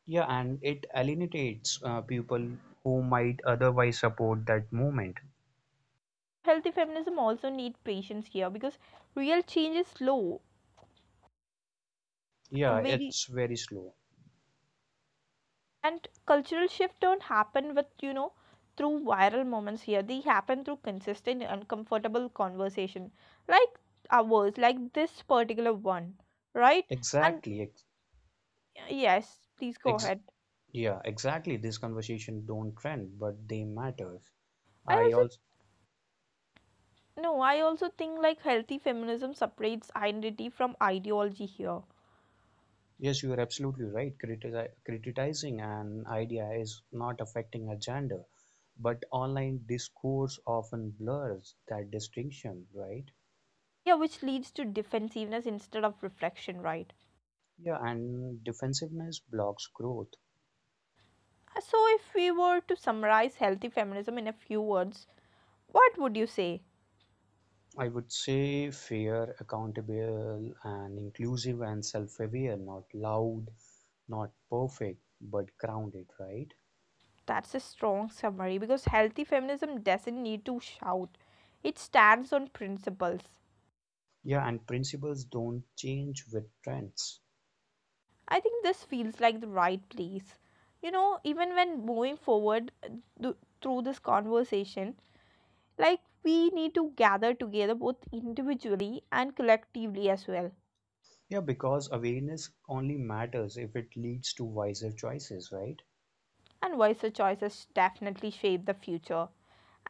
Speaker 2: Yeah, and it alienates people who might otherwise support that movement.
Speaker 1: Healthy feminism also need patience here because real change is slow
Speaker 2: Yeah,
Speaker 1: very,
Speaker 2: it's very slow.
Speaker 1: and cultural shift don't happen with through viral moments here. They happen through consistent uncomfortable conversation like ours, like this particular one, right? And
Speaker 2: Exactly.
Speaker 1: yes, please go
Speaker 2: Ex-
Speaker 1: ahead.
Speaker 2: yeah, exactly. This conversation don't trend, but they matter.
Speaker 1: I
Speaker 2: I
Speaker 1: also
Speaker 2: also
Speaker 1: no I also think like healthy feminism separates identity from ideology here.
Speaker 2: yes, you are absolutely right. Criticizing an idea is not affecting a gender, but online discourse often blurs that distinction, right?
Speaker 1: Yeah, which leads to defensiveness instead of reflection, right?
Speaker 2: Yeah, and defensiveness blocks growth.
Speaker 1: So, if we were to summarize healthy feminism in a few words, what would you say?
Speaker 2: I would say fair, accountable, and inclusive and self aware, not loud, not perfect, but grounded, right?
Speaker 1: That's a strong summary because healthy feminism doesn't need to shout, it stands on principles.
Speaker 2: Yeah, and principles don't change with trends.
Speaker 1: I think this feels like the right place. You know, even when moving forward th- through this conversation, like we need to gather together both individually and collectively as well.
Speaker 2: Yeah, because awareness only matters if it leads to wiser choices, right?
Speaker 1: And voice choices definitely shape the future.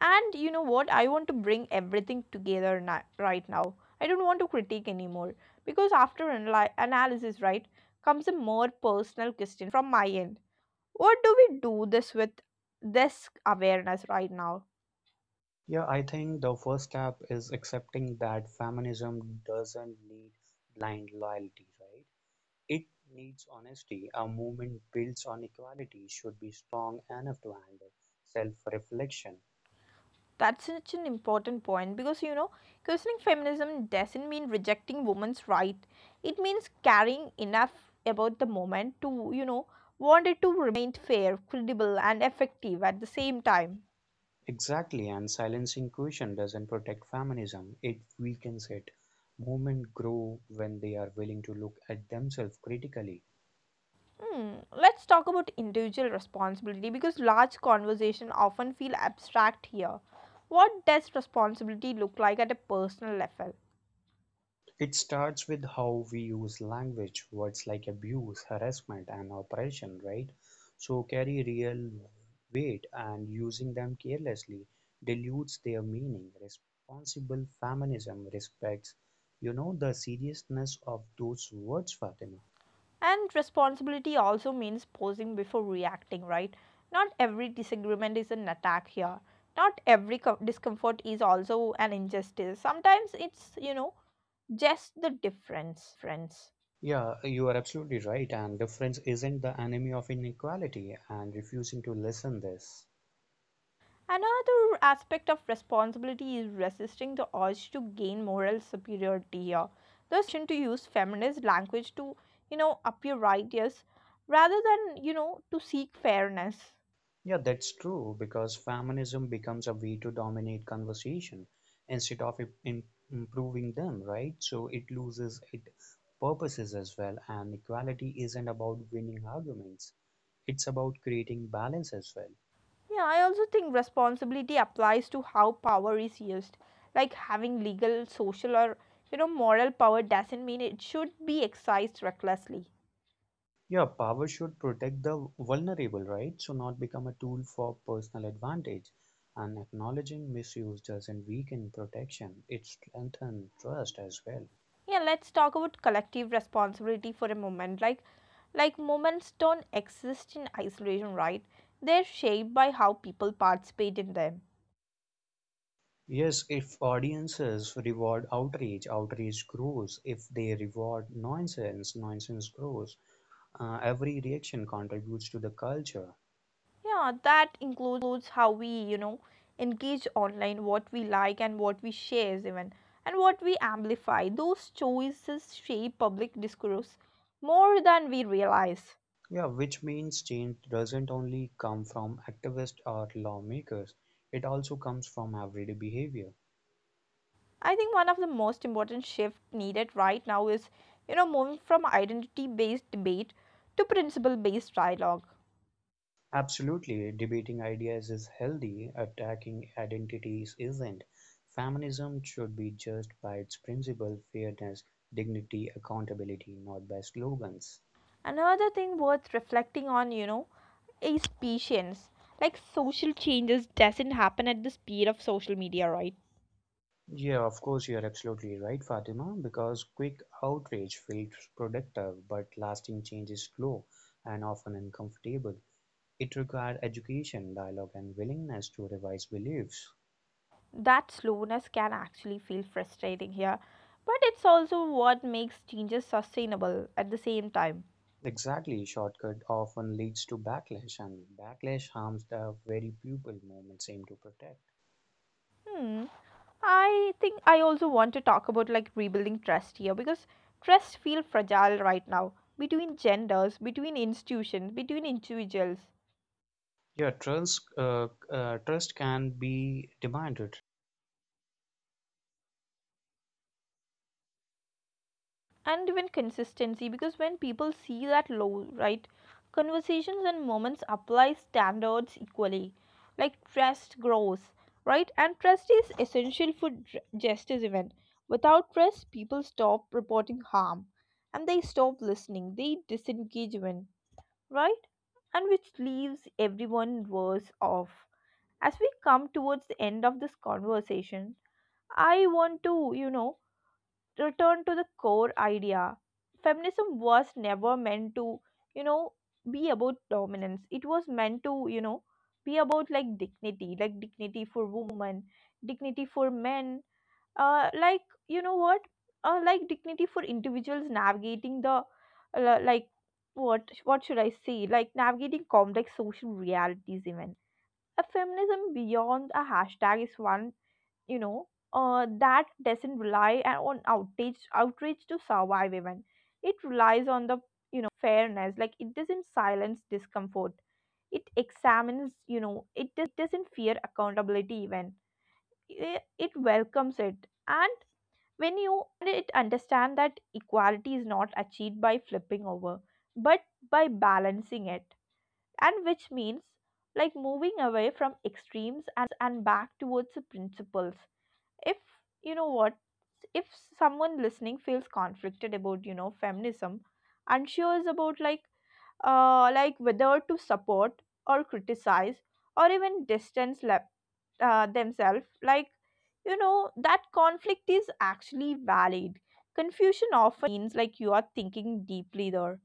Speaker 1: And you know what? I want to bring everything together right now. I don't want to critique anymore because after analysis, right, comes a more personal question from my end. What do we do this with this awareness right now?
Speaker 2: Yeah, I think the first step is accepting that feminism doesn't need blind loyalty, right? It needs honesty. A movement built on equality should be strong enough to handle self reflection.
Speaker 1: That's such an important point because you know, questioning feminism doesn't mean rejecting women's right. It means caring enough about the moment to, you know, want it to remain fair, credible, and effective at the same time.
Speaker 2: Exactly, and silencing question doesn't protect feminism, it weakens it. Movements grow when they are willing to look at themselves critically.
Speaker 1: Hmm, let's talk about individual responsibility because large conversation often feel abstract here. What does responsibility look like at a personal level?
Speaker 2: It starts with how we use language. Words like abuse, harassment, and oppression, right? So carry real weight, and using them carelessly dilutes their meaning. Responsible feminism respects, you know, the seriousness of those words, Fatima.
Speaker 1: And responsibility also means pausing before reacting, right? Not every disagreement is an attack here. Not every discomfort is also an injustice. Sometimes it's, you know, just the difference.
Speaker 2: Yeah, you are absolutely right. And difference isn't the enemy of inequality, and refusing to listen this.
Speaker 1: Another aspect of responsibility is resisting the urge to gain moral superiority here. There's a temptation to use feminist language to, you know, appear righteous rather than, you know, to seek fairness.
Speaker 2: Yeah, that's true because feminism becomes a way to dominate conversation instead of improving them, right? So it loses its purposes as well. And equality isn't about winning arguments, it's about creating balance as well.
Speaker 1: Yeah, I also think responsibility applies to how power is used. Like having legal, social, or, you know, moral power doesn't mean it should be exercised recklessly.
Speaker 2: Yeah, power should protect the vulnerable, right? So not become a tool for personal advantage. And acknowledging misuse doesn't weaken protection, it strengthens trust as well.
Speaker 1: Yeah, let's talk about collective responsibility for a moment, like moments don't exist in isolation, right? They're shaped by how people participate in them.
Speaker 2: Yes, if audiences reward outrage, outrage grows. If they reward nonsense, nonsense grows. Every reaction contributes to the culture.
Speaker 1: Yeah, that includes how we, you know, engage online, what we like and what we share even, and what we amplify. Those choices shape public discourse more than we realize.
Speaker 2: Yeah, which means change doesn't only come from activists or lawmakers, it also comes from everyday behavior.
Speaker 1: I think one of the most important shift needed right now is, you know, moving from identity based debate to principle based dialogue.
Speaker 2: Absolutely, debating ideas is healthy, attacking identities isn't. Feminism should be judged by its principle fairness, dignity, accountability, not by slogans.
Speaker 1: Another thing worth reflecting on, you know, is patience. Like social changes doesn't happen at the speed of social media, right?
Speaker 2: Yeah, of course, you're absolutely right, Fatima, because quick outrage feels productive, but lasting change is slow and often uncomfortable. It requires education, dialogue, and willingness to revise beliefs.
Speaker 1: That slowness can actually feel frustrating here, but it's also what makes changes sustainable at the same time.
Speaker 2: Exactly, shortcut often leads to backlash, and backlash harms the very people movements aim to protect.
Speaker 1: Hmm. I think I also want to talk about like rebuilding trust here because trust feels fragile right now, between genders, between institutions, between individuals.
Speaker 2: Yeah, trust can be demanded,
Speaker 1: And even consistency, because when people see that low, right, conversations and moments apply standards equally, like trust grows, right? And trust is essential for justice event. Without trust people stop reporting harm and they stop listening, they disengage when, right? And which leaves everyone worse off. As we come towards the end of this conversation, I want to, you know, return to the core idea. Feminism was never meant to, you know, be about dominance. It was meant to, you know, be about like dignity for women, dignity for men, like, you know what? Like dignity for individuals navigating the, like, what should I say? Like navigating complex social realities, even. A feminism beyond a hashtag is one, you know, that doesn't rely on outrage to survive even. It relies on the, you know, fairness. Like it doesn't silence discomfort, it examines, you know. It doesn't fear accountability even, it welcomes it. And when you, and it understand that equality is not achieved by flipping over but by balancing it. And which means like moving away from extremes and back towards the principles. If, you know what, if someone listening feels conflicted about, you know, feminism, unsure is about like, like, whether to support or criticize or even distance themselves, like, you know, that conflict is actually valid. Confusion often means like you are thinking deeply there,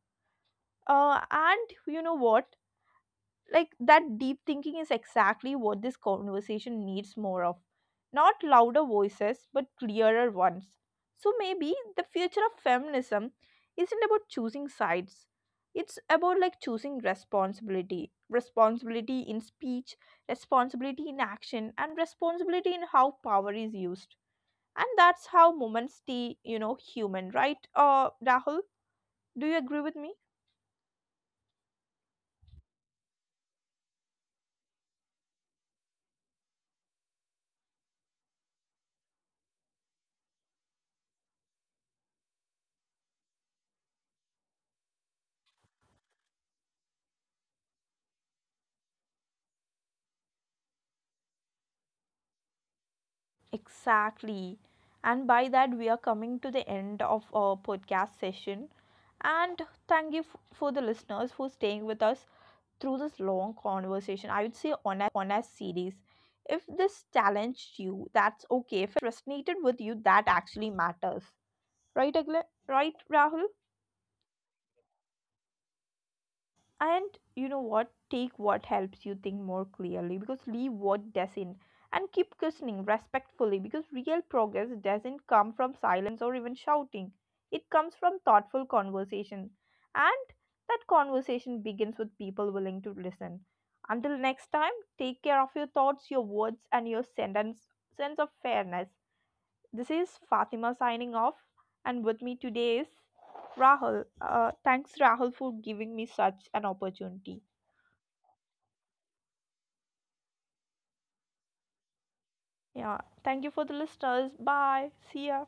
Speaker 1: and you know what, like that deep thinking is exactly what this conversation needs more of. Not louder voices but clearer ones. So maybe the future of feminism isn't about choosing sides, it's about like choosing responsibility. Responsibility in speech, responsibility in action, and responsibility in how power is used. And that's how moments stay, you know, human, right? Rahul, do you agree with me? Exactly. And by that, we are coming to the end of our podcast session. And thank you for the listeners for staying with us through this long conversation. I would say honest series. If this challenged you, that's okay. If it resonated with you, that actually matters. Right, right, Rahul? And you know what? Take what helps you think more clearly because leave what doesn't. And keep questioning respectfully because real progress doesn't come from silence or even shouting. It comes from thoughtful conversation. And that conversation begins with people willing to listen. Until next time, take care of your thoughts, your words, and your sense of fairness. This is Fatima signing off, and with me today is Rahul. Thanks, Rahul, for giving me such an opportunity. Yeah, thank you for the listeners. Bye. See ya.